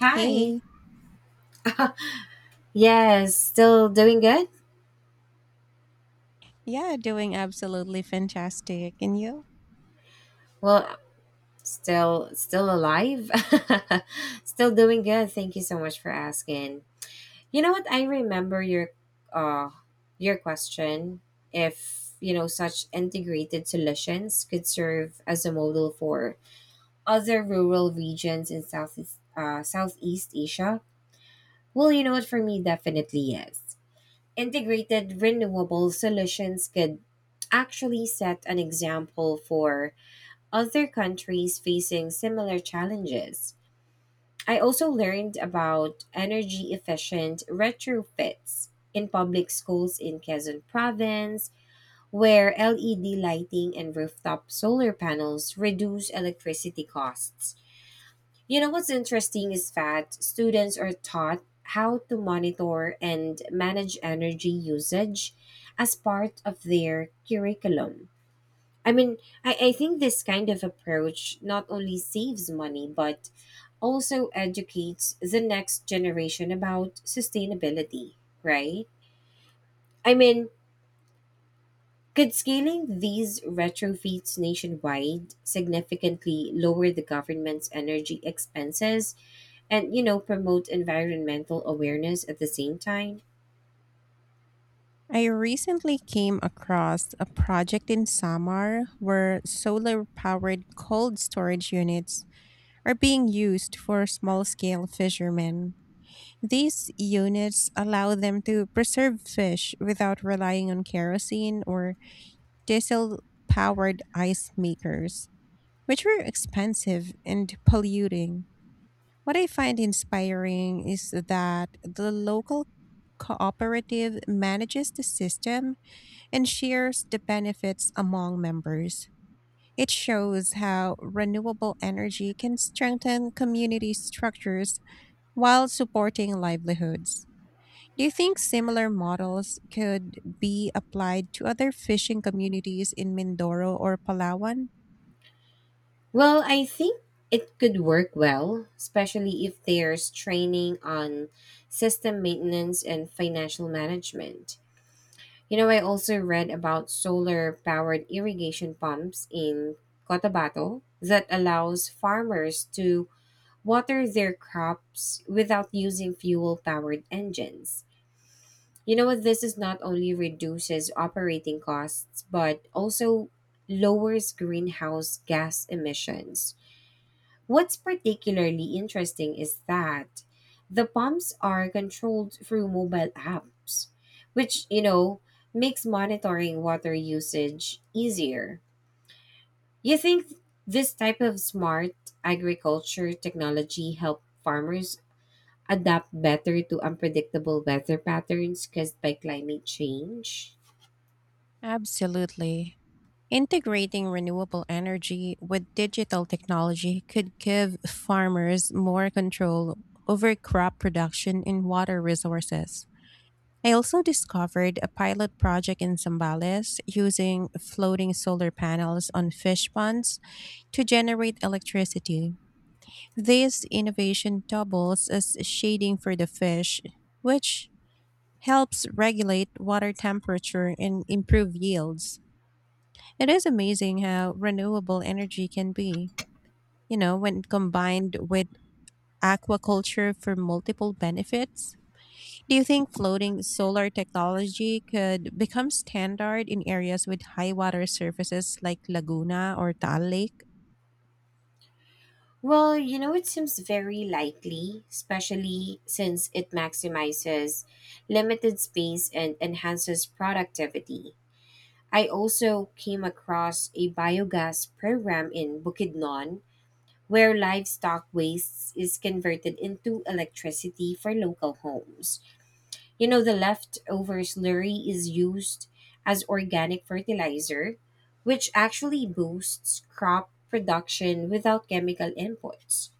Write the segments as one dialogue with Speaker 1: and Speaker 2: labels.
Speaker 1: Hi.
Speaker 2: Hey,
Speaker 1: Yes, still doing good?
Speaker 2: yeah, doing absolutely fantastic. And you?
Speaker 1: Well, still alive. Still doing good. Thank you so much for asking. You know what? I remember uh your question if such integrated solutions could serve as a model for other rural regions in Southeast Asia. Well, you know what? For me, definitely yes. Integrated renewable solutions could actually set an example for other countries facing similar challenges. I also learned about energy efficient retrofits in public schools in Quezon Province, where LED lighting and rooftop solar panels reduce electricity costs. You know what's interesting is that students are taught how to monitor and manage energy usage as part of their curriculum. I mean, I think this kind of approach not only saves money, but also educates the next generation about sustainability, right? I mean, could scaling these retrofits nationwide significantly lower the government's energy expenses and promote environmental awareness at the same time?
Speaker 2: I recently came across a project in Samar where solar powered cold storage units are being used for small scale fishermen. These units allow them to preserve fish without relying on kerosene or diesel powered ice makers, which were expensive and polluting. What I find inspiring is that the local cooperative manages the system and shares the benefits among members. It shows how renewable energy can strengthen community structures while supporting livelihoods. Do you think similar models could be applied to other fishing communities in Mindoro or Palawan?
Speaker 1: Well, I think it could work well, especially if there's training on system maintenance and financial management. You know, I also read about solar powered irrigation pumps in Cotabato that allows farmers to water their crops without using fuel powered engines. You know what this is not only reduces operating costs but also lowers greenhouse gas emissions. What's particularly interesting is that the pumps are controlled through mobile apps, which makes monitoring water usage easier. You think this type of smart agriculture technology help farmers adapt better to unpredictable weather patterns caused by climate change?
Speaker 2: Absolutely. Integrating renewable energy with digital technology could give farmers more control over crop production and water resources. I also discovered a pilot project in Zambales using floating solar panels on fish ponds to generate electricity. This innovation doubles as shading for the fish, which helps regulate water temperature and improve yields. It is amazing how renewable energy can be, when combined with aquaculture for multiple benefits. Do you think floating solar technology could become standard in areas with high water surfaces like Laguna or Taal Lake?
Speaker 1: Well, it seems very likely, especially since it maximizes limited space and enhances productivity. I also came across a biogas program in Bukidnon where livestock waste is converted into electricity for local homes. The leftover slurry is used as organic fertilizer, which actually boosts crop production without chemical inputs.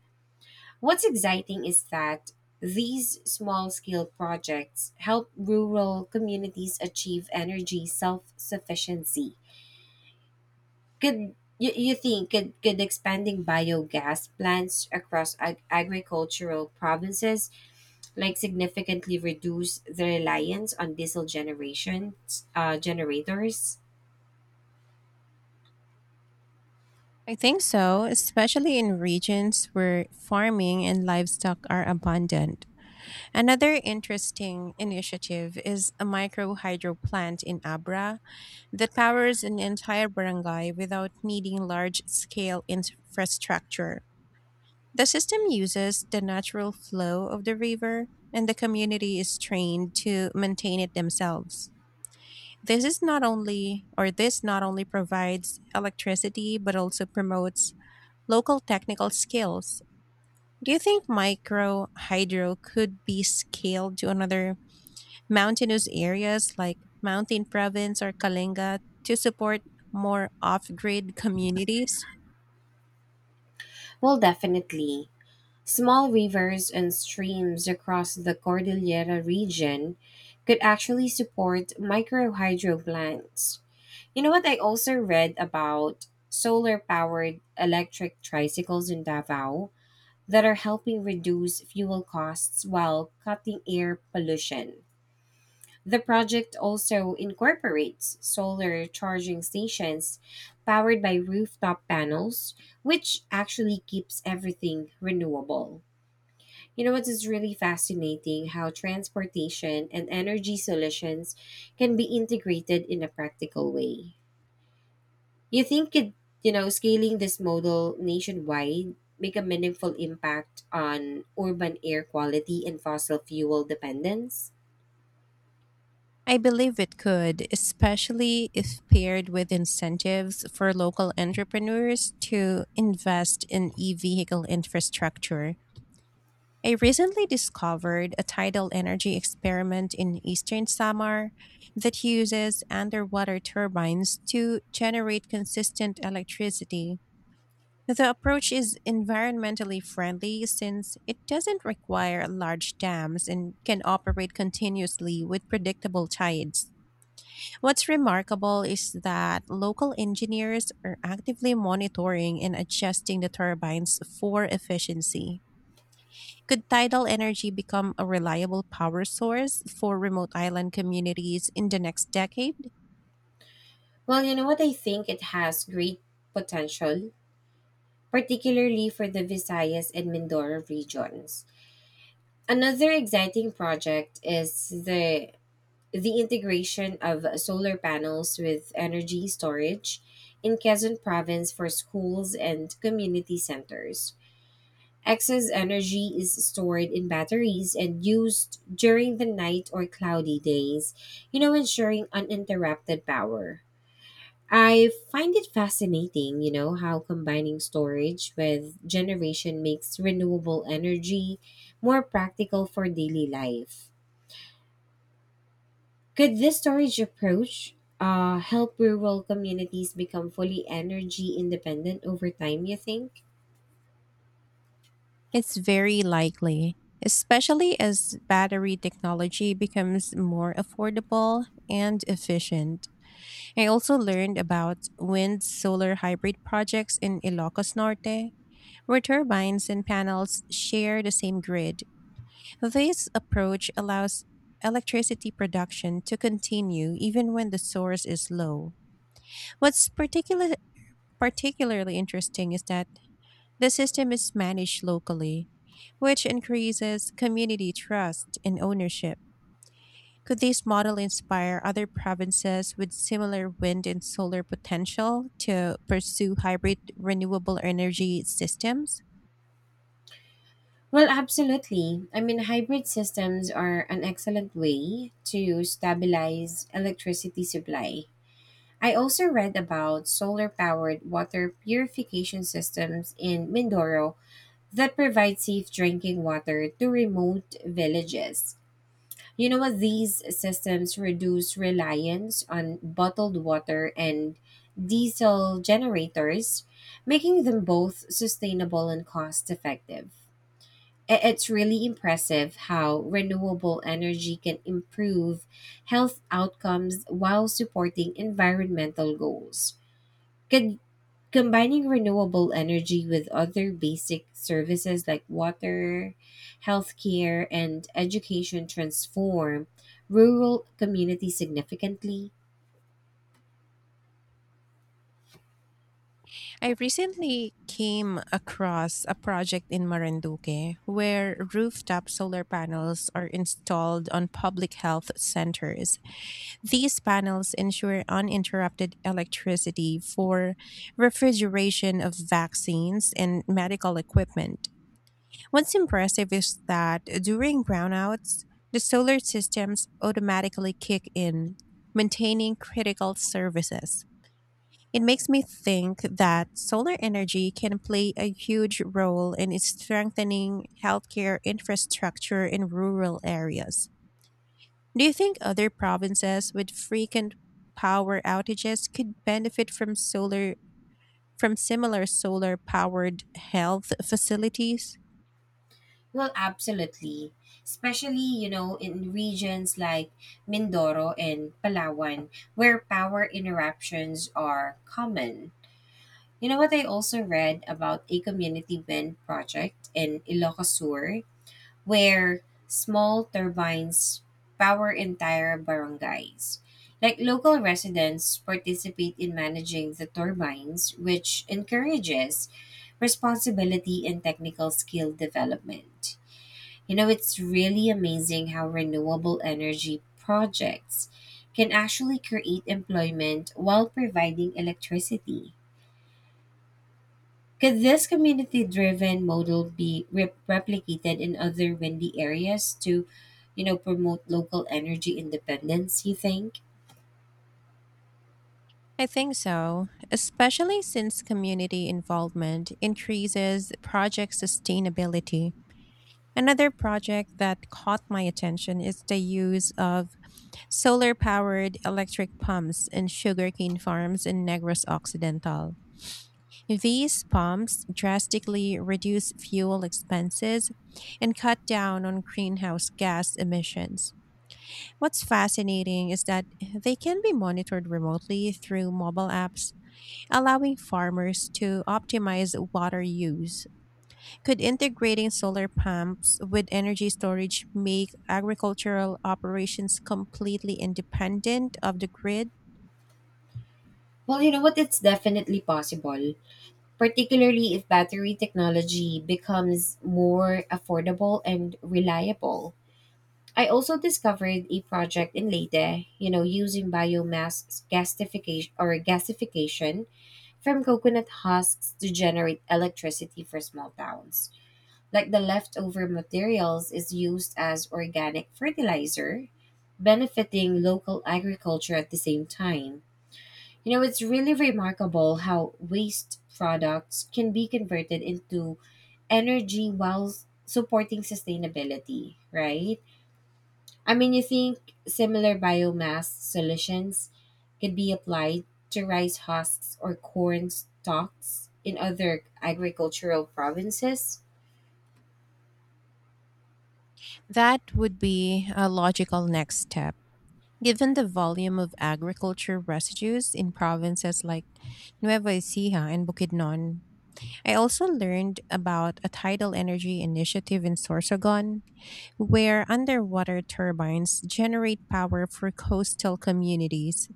Speaker 1: What's exciting is that these small scale projects help rural communities achieve energy self sufficiency. Could you, you think could expanding biogas plants across agricultural provinces like significantly reduce the reliance on diesel generations generators?
Speaker 2: I think so, especially in regions where farming and livestock are abundant. Another interesting initiative is a micro hydro plant in Abra that powers an entire barangay without needing large scale infrastructure. The system uses the natural flow of the river, and the community is trained to maintain it themselves. This is not only, or this not only provides electricity, but also promotes local technical skills. Do you think micro hydro could be scaled to another mountainous areas like Mountain Province or Kalinga to support more off grid communities?
Speaker 1: Well, definitely. Small rivers and streams across the Cordillera region could actually support micro hydro plants. You know what? I also read about solar powered electric tricycles in Davao that are helping reduce fuel costs while cutting air pollution. The project also incorporates solar charging stations powered by rooftop panels, which actually keeps everything renewable. You know what is really fascinating how transportation and energy solutions can be integrated in a practical way. You think scaling this model nationwide make a meaningful impact on urban air quality and fossil fuel dependence?
Speaker 2: I believe it could, especially if paired with incentives for local entrepreneurs to invest in e vehicle infrastructure. I recently discovered a tidal energy experiment in eastern Samar that uses underwater turbines to generate consistent electricity. The approach is environmentally friendly since it doesn't require large dams and can operate continuously with predictable tides. What's remarkable is that local engineers are actively monitoring and adjusting the turbines for efficiency. Could tidal energy become a reliable power source for remote island communities in the next decade?
Speaker 1: Well, you know what I think it has great potential, particularly for the Visayas and Mindoro regions. Another exciting project is the integration of solar panels with energy storage in Quezon province for schools and community centers. Excess energy is stored in batteries and used during the night or cloudy days, ensuring uninterrupted power. I find it fascinating, how combining storage with generation makes renewable energy more practical for daily life. Could this storage approach help rural communities become fully energy independent over time, you think?
Speaker 2: It's very likely, especially as battery technology becomes more affordable and efficient. I also learned about wind solar hybrid projects in Ilocos Norte, where turbines and panels share the same grid. This approach allows electricity production to continue even when the source is low. What's particularly interesting is that the system is managed locally, which increases community trust and ownership. Could this model inspire other provinces with similar wind and solar potential to pursue hybrid renewable energy systems?
Speaker 1: Well, absolutely. I mean, hybrid systems are an excellent way to stabilize electricity supply. I also read about solar powered water purification systems in Mindoro that provide safe drinking water to remote villages. You know what? These systems reduce reliance on bottled water and diesel generators, making them both sustainable and cost effective. It's really impressive how renewable energy can improve health outcomes while supporting environmental goals. Could combining renewable energy with other basic services like water, healthcare, and education transform rural communities significantly?
Speaker 2: I recently came across a project in Marinduque where rooftop solar panels are installed on public health centers. These panels ensure uninterrupted electricity for refrigeration of vaccines and medical equipment. What's impressive is that during brownouts, the solar systems automatically kick in, maintaining critical services. It makes me think that solar energy can play a huge role in strengthening healthcare infrastructure in rural areas. Do you think other provinces with frequent power outages could benefit from solar from similar solar powered health facilities?
Speaker 1: Well, absolutely. Especially, in regions like Mindoro and Palawan, where power interruptions are common. You know what, I also read about a community wind project in Ilocos Sur, where small turbines power entire barangays. Like local residents participate in managing the turbines, which encourages responsibility and technical skill development. You know, it's really amazing how renewable energy projects can actually create employment while providing electricity. Could this community driven model be replicated in other windy areas to, promote local energy independence, you think?
Speaker 2: I think so, especially since community involvement increases project sustainability. Another project that caught my attention is the use of solar powered electric pumps in sugarcane farms in Negros Occidental. These pumps drastically reduce fuel expenses and cut down on greenhouse gas emissions. What's fascinating is that they can be monitored remotely through mobile apps, allowing farmers to optimize water use. Could integrating solar pumps with energy storage make agricultural operations completely independent of the grid?
Speaker 1: Well, you know what? It's definitely possible, particularly if battery technology becomes more affordable and reliable. I also discovered a project in Leyte, using biomass gasification or gasification from coconut husks to generate electricity for small towns. Like the leftover materials is used as organic fertilizer, benefiting local agriculture at the same time. You know, it's really remarkable how waste products can be converted into energy while supporting sustainability, right? I mean, you think similar biomass solutions could be applied to rice husks or corn stalks in other agricultural provinces?
Speaker 2: That would be a logical next step. Given the volume of agriculture residues in provinces like Nueva Ecija and Bukidnon, I also learned about a tidal energy initiative in Sorsogon, where underwater turbines generate power for coastal communities.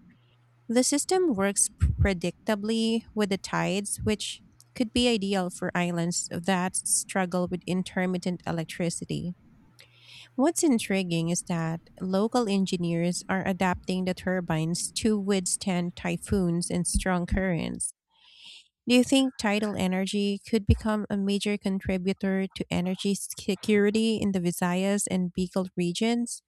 Speaker 2: The system works predictably with the tides, which could be ideal for islands that struggle with intermittent electricity. What's intriguing is that local engineers are adapting the turbines to withstand typhoons and strong currents. Do you think tidal energy could become a major contributor to energy security in the Visayas and Bicol regions?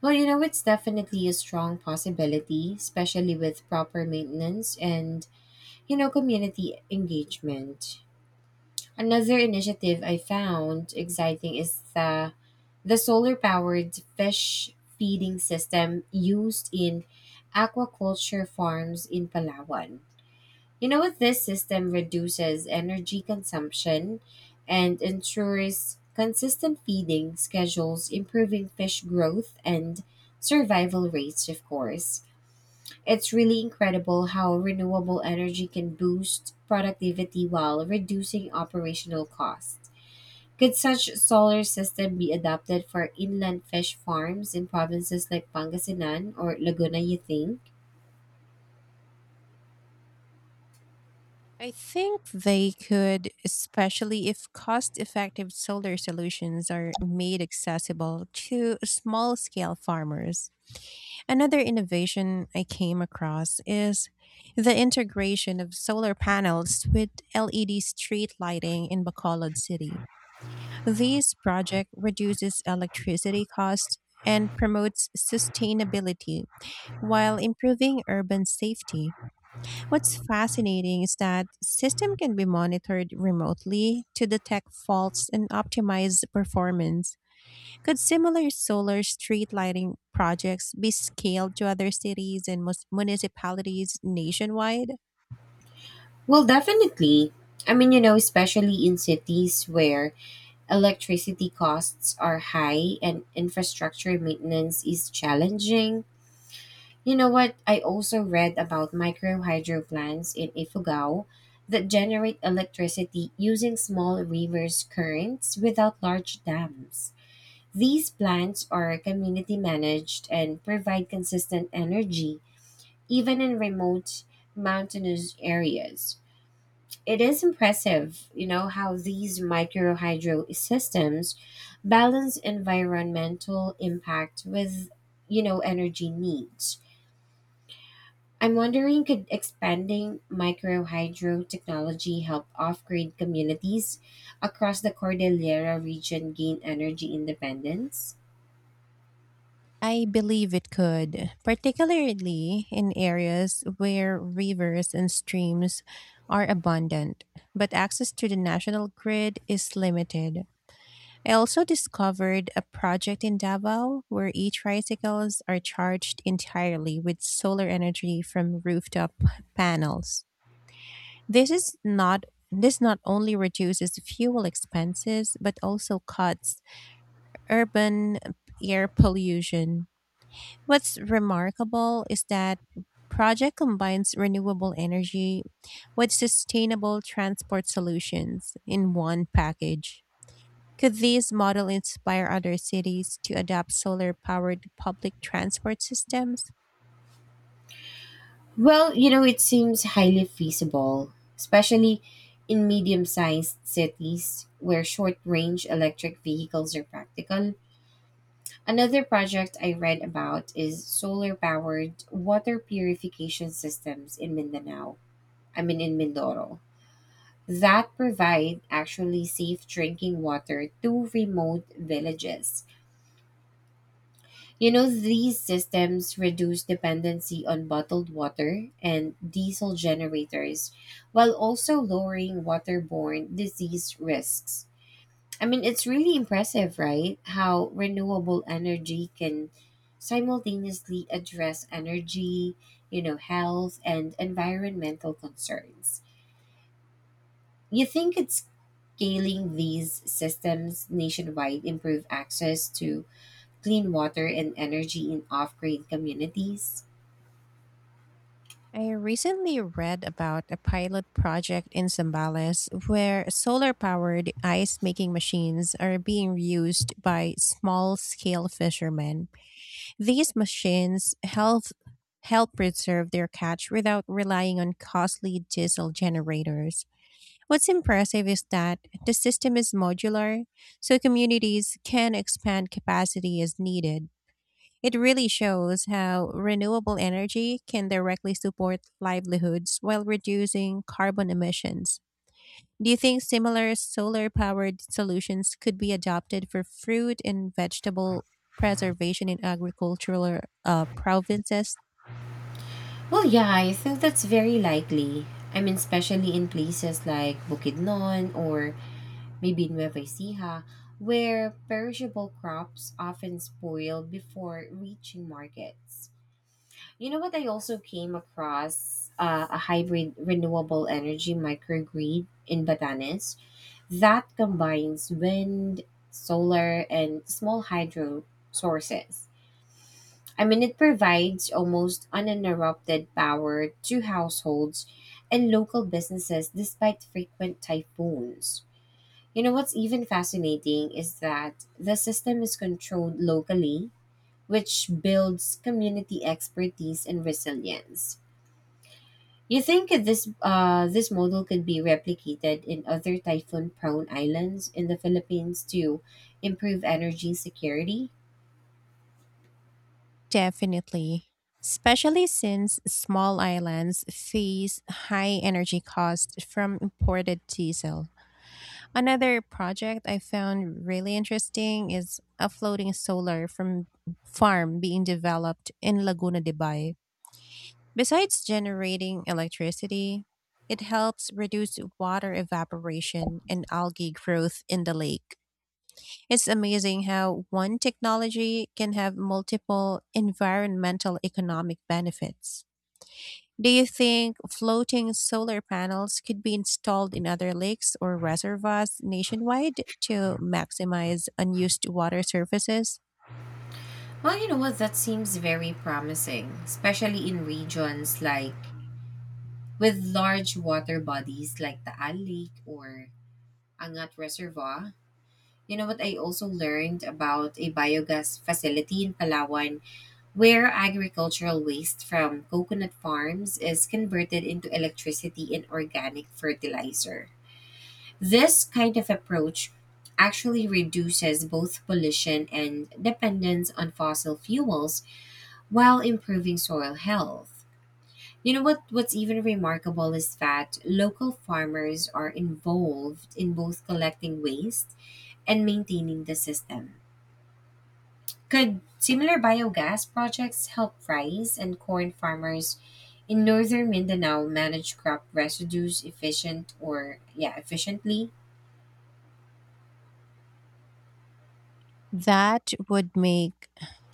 Speaker 1: Well, it's definitely a strong possibility, especially with proper maintenance and, community engagement. Another initiative I found exciting is the solar powered fish feeding system used in aquaculture farms in Palawan. You know what? This system reduces energy consumption and ensures consistent feeding schedules, improving fish growth and survival rates, of course. It's really incredible how renewable energy can boost productivity while reducing operational costs. Could such solar system be adapted for inland fish farms in provinces like Pangasinan or Laguna, you think?
Speaker 2: I think they could, especially if cost effective solar solutions are made accessible to small scale farmers. Another innovation I came across is the integration of solar panels with LED street lighting in Bacolod City. This project reduces electricity costs and promotes sustainability while improving urban safety. What's fascinating is that system can be monitored remotely to detect faults and optimize performance. Could similar solar street lighting projects be scaled to other cities and municipalities nationwide?
Speaker 1: Well, definitely. I mean, especially in cities where electricity costs are high and infrastructure maintenance is challenging. You know what? I also read about micro hydro plants in Ifugao that generate electricity using small rivers' currents without large dams. These plants are community managed and provide consistent energy even in remote mountainous areas. It is impressive, how these microhydro systems balance environmental impact with, energy needs. I'm wondering could expanding microhydro technology help off-grid communities across the Cordillera region gain energy independence?
Speaker 2: I believe it could, particularly in areas where rivers and streams are abundant, but access to the national grid is limited. I also discovered a project in Davao where e tricycles are charged entirely with solar energy from rooftop panels. This is not this not only reduces fuel expenses but also cuts urban air pollution. What's remarkable is that project combines renewable energy with sustainable transport solutions in one package. Could this model inspire other cities to adopt solar powered public transport systems?
Speaker 1: Well, it seems highly feasible, especially in medium-sized cities where short-range electric vehicles are practical. Another project I read about is solar powered water purification systems in Mindanao. I mean, in Mindoro. That provide actually safe drinking water to remote villages. You know, these systems reduce dependency on bottled water and diesel generators while also lowering waterborne disease risks. I mean, it's really impressive, right? How renewable energy can simultaneously address energy, health, and environmental concerns. You think it's scaling these systems nationwide improve access to clean water and energy in off-grid communities?
Speaker 2: I recently read about a pilot project in Zambales where solar powered ice making machines are being used by small scale fishermen. These machines help preserve their catch without relying on costly diesel generators. What's impressive is that the system is modular, so communities can expand capacity as needed. It really shows how renewable energy can directly support livelihoods while reducing carbon emissions. Do you think similar solar powered solutions could be adopted for fruit and vegetable preservation in agricultural provinces?
Speaker 1: Well, yeah, I think that's very likely. I mean, especially in places like Bukidnon or maybe in Nueva Ecija, where perishable crops often spoil before reaching markets. You know what? I also came across a hybrid renewable energy microgrid in Batanes that combines wind, solar, and small hydro sources. I mean, it provides almost uninterrupted power to households and local businesses despite frequent typhoons. You know what's even fascinating is that the system is controlled locally, which builds community expertise and resilience. You think this model could be replicated in other typhoon-prone islands in the Philippines to improve energy security?
Speaker 2: Definitely. Especially since small islands face high energy costs from imported diesel. Another project I found really interesting is a floating solar from farm being developed in Laguna de Bay. Besides generating electricity, it helps reduce water evaporation and algae growth in the lake. It's amazing how one technology can have multiple environmental economic benefits. Do you think floating solar panels could be installed in other lakes or reservoirs nationwide to maximize unused water surfaces?
Speaker 1: Well, you know what, that seems very promising, especially in regions like with large water bodies like the Al Lake or Angat Reservoir. You know what? I also learned about a biogas facility in Palawan where agricultural waste from coconut farms is converted into electricity and organic fertilizer. This kind of approach actually reduces both pollution and dependence on fossil fuels while improving soil health. What's even remarkable is that local farmers are involved in both collecting waste and maintaining the system. Could similar biogas projects help rice and corn farmers in northern Mindanao manage crop residues efficient or yeah, efficiently?
Speaker 2: That would make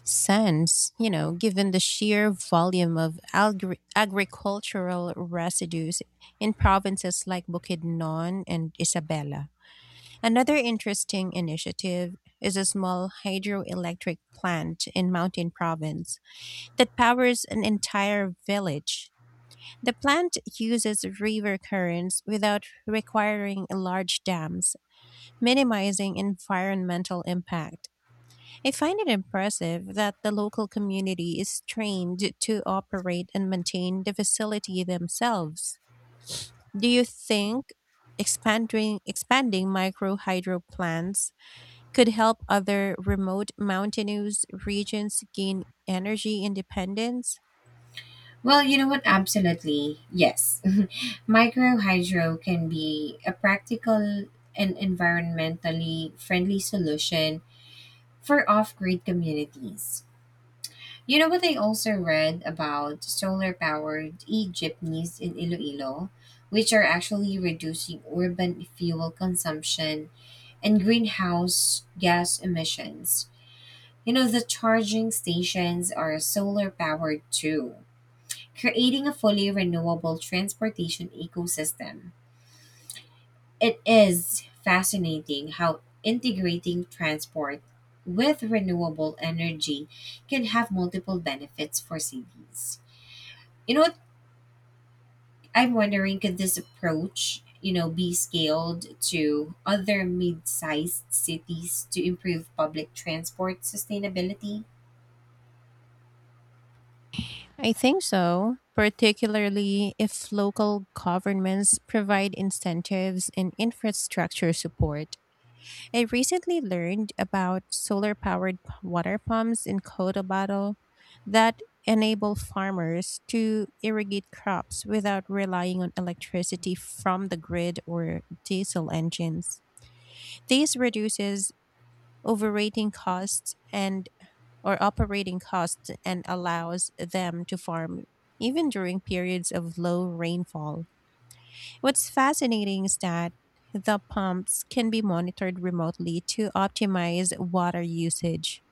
Speaker 2: sense, given the sheer volume of agricultural residues in provinces like Bukidnon and Isabela. Another interesting initiative is a small hydroelectric plant in Mountain Province that powers an entire village. The plant uses river currents without requiring large dams, minimizing environmental impact. I find it impressive that the local community is trained to operate and maintain the facility themselves. Do you think expanding micro hydro plants could help other remote mountainous regions gain energy independence?
Speaker 1: Well, you know what? Absolutely. Yes. Microhydro can be a practical and environmentally friendly solution for off-grid communities. You know what, I also read about solar powered e jeepneys in Iloilo, which are actually reducing urban fuel consumption and greenhouse gas emissions. You know, the charging stations are solar powered too, creating a fully renewable transportation ecosystem. It is fascinating how integrating transport with renewable energy can have multiple benefits for cities. You know what, I'm wondering could this approach, be scaled to other mid-sized cities to improve public transport sustainability?
Speaker 2: I think so, particularly if local governments provide incentives and infrastructure support. I recently learned about solar powered water pumps in Cotabato that enable farmers to irrigate crops without relying on electricity from the grid or diesel engines. This reduces overrating costs and or operating costs and allows them to farm even during periods of low rainfall. What's fascinating is that the pumps can be monitored remotely to optimize water usage.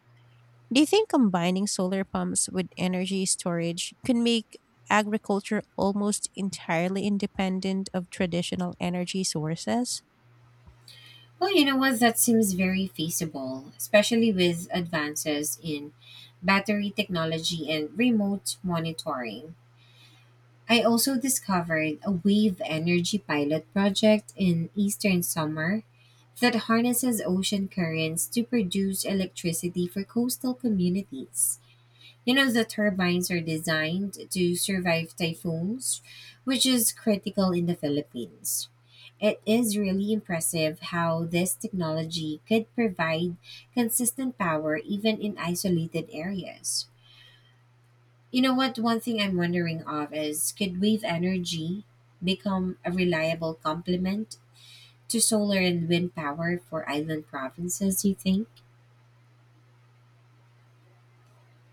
Speaker 2: Do you think combining solar pumps with energy storage can make agriculture almost entirely independent of traditional energy sources?
Speaker 1: Well, you know what, that seems very feasible, especially with advances in battery technology and remote monitoring. I also discovered a wave energy pilot project in eastern summer that harnesses ocean currents to produce electricity for coastal communities. You know, the turbines are designed to survive typhoons, which is critical in the Philippines. It is really impressive how this technology could provide consistent power even in isolated areas. You know what? One thing I'm wondering of is could wave energy become a reliable complement to solar and wind power for island provinces, do you think?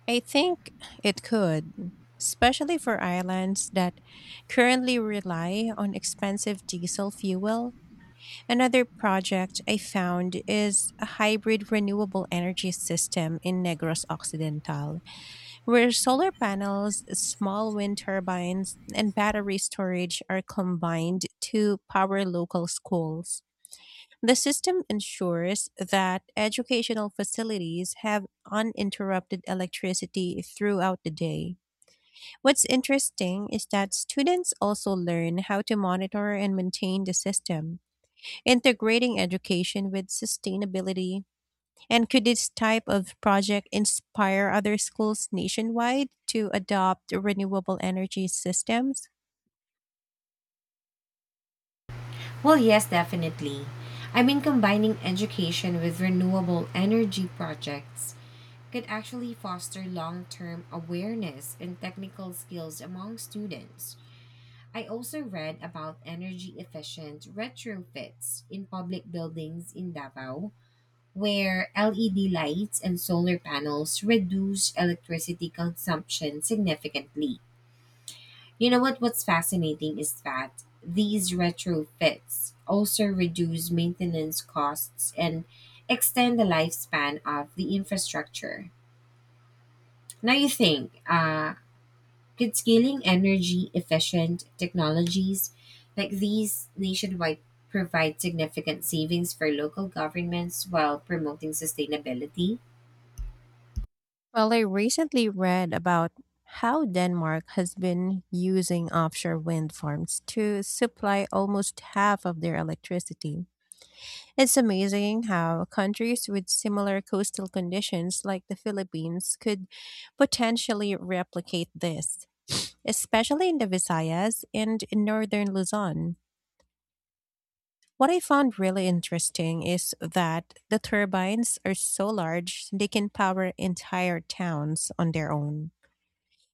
Speaker 2: I think it could, especially for islands that currently rely on expensive diesel fuel. Another project I found is a hybrid renewable energy system in Negros Occidental, where solar panels, small wind turbines, and battery storage are combined to power local schools. The system ensures that educational facilities have uninterrupted electricity throughout the day. What's interesting is that students also learn how to monitor and maintain the system, integrating education with sustainability. And could this type of project inspire other schools nationwide to adopt renewable energy systems?
Speaker 1: Well, yes, definitely. I mean, combining education with renewable energy projects could actually foster long term awareness and technical skills among students. I also read about energy efficient retrofits in public buildings in Davao, where LED lights and solar panels reduce electricity consumption significantly. You know what? What's fascinating is that these retrofits also reduce maintenance costs and extend the lifespan of the infrastructure. Now you think, could scaling energy efficient technologies like these nationwide provide significant savings for local governments while promoting sustainability?
Speaker 2: Well, I recently read about how Denmark has been using offshore wind farms to supply almost half of their electricity. It's amazing how countries with similar coastal conditions, like the Philippines, could potentially replicate this, especially in the Visayas and in northern Luzon. What I found really interesting is that the turbines are so large they can power entire towns on their own.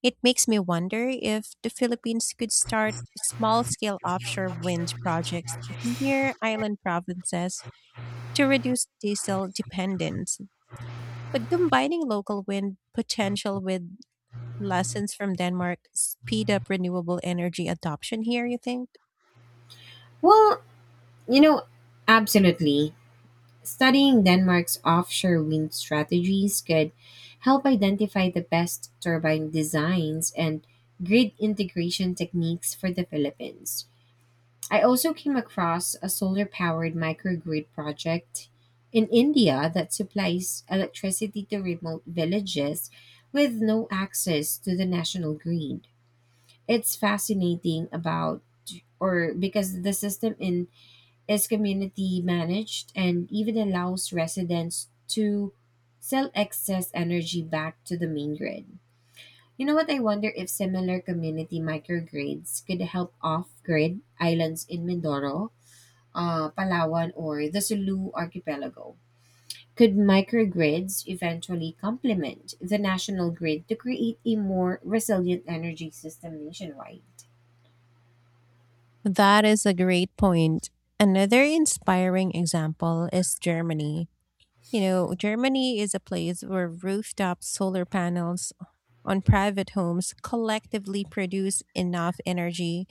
Speaker 2: It makes me wonder if the Philippines could start small scale offshore wind projects near island provinces to reduce diesel dependence. Could combining local wind potential with lessons from Denmark speed up renewable energy adoption here, you think?
Speaker 1: Well, you know, absolutely. Studying Denmark's offshore wind strategies could help identify the best turbine designs and grid integration techniques for the Philippines. I also came across a solar powered microgrid project in India that supplies electricity to remote villages with no access to the national grid. It's fascinating about or because the system in is community managed and even allows residents to sell excess energy back to the main grid. You know what? I wonder if similar community microgrids could help off grid islands in Mindoro, Palawan, or the Sulu archipelago. Could microgrids eventually complement the national grid to create a more resilient energy system nationwide?
Speaker 2: That is a great point. Another inspiring example is Germany. You know, Germany is a place where rooftop solar panels on private homes collectively produce enough energy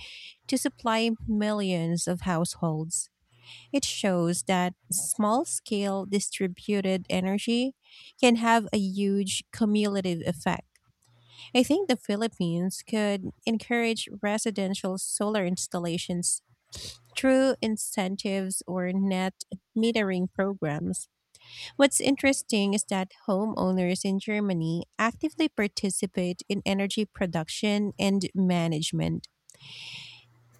Speaker 2: to supply millions of households. It shows that small scale distributed energy can have a huge cumulative effect. I think the Philippines could encourage residential solar installations through incentives or net metering programs. What's interesting is that homeowners in Germany actively participate in energy production and management.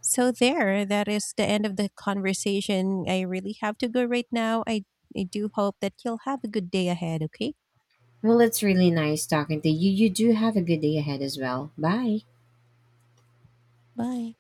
Speaker 2: So, there, that is the end of the conversation. I really have to go right now. I do hope that you'll have a good day ahead, okay?
Speaker 1: Well, it's really nice talking to you. You do have a good day ahead as well. Bye.
Speaker 2: Bye.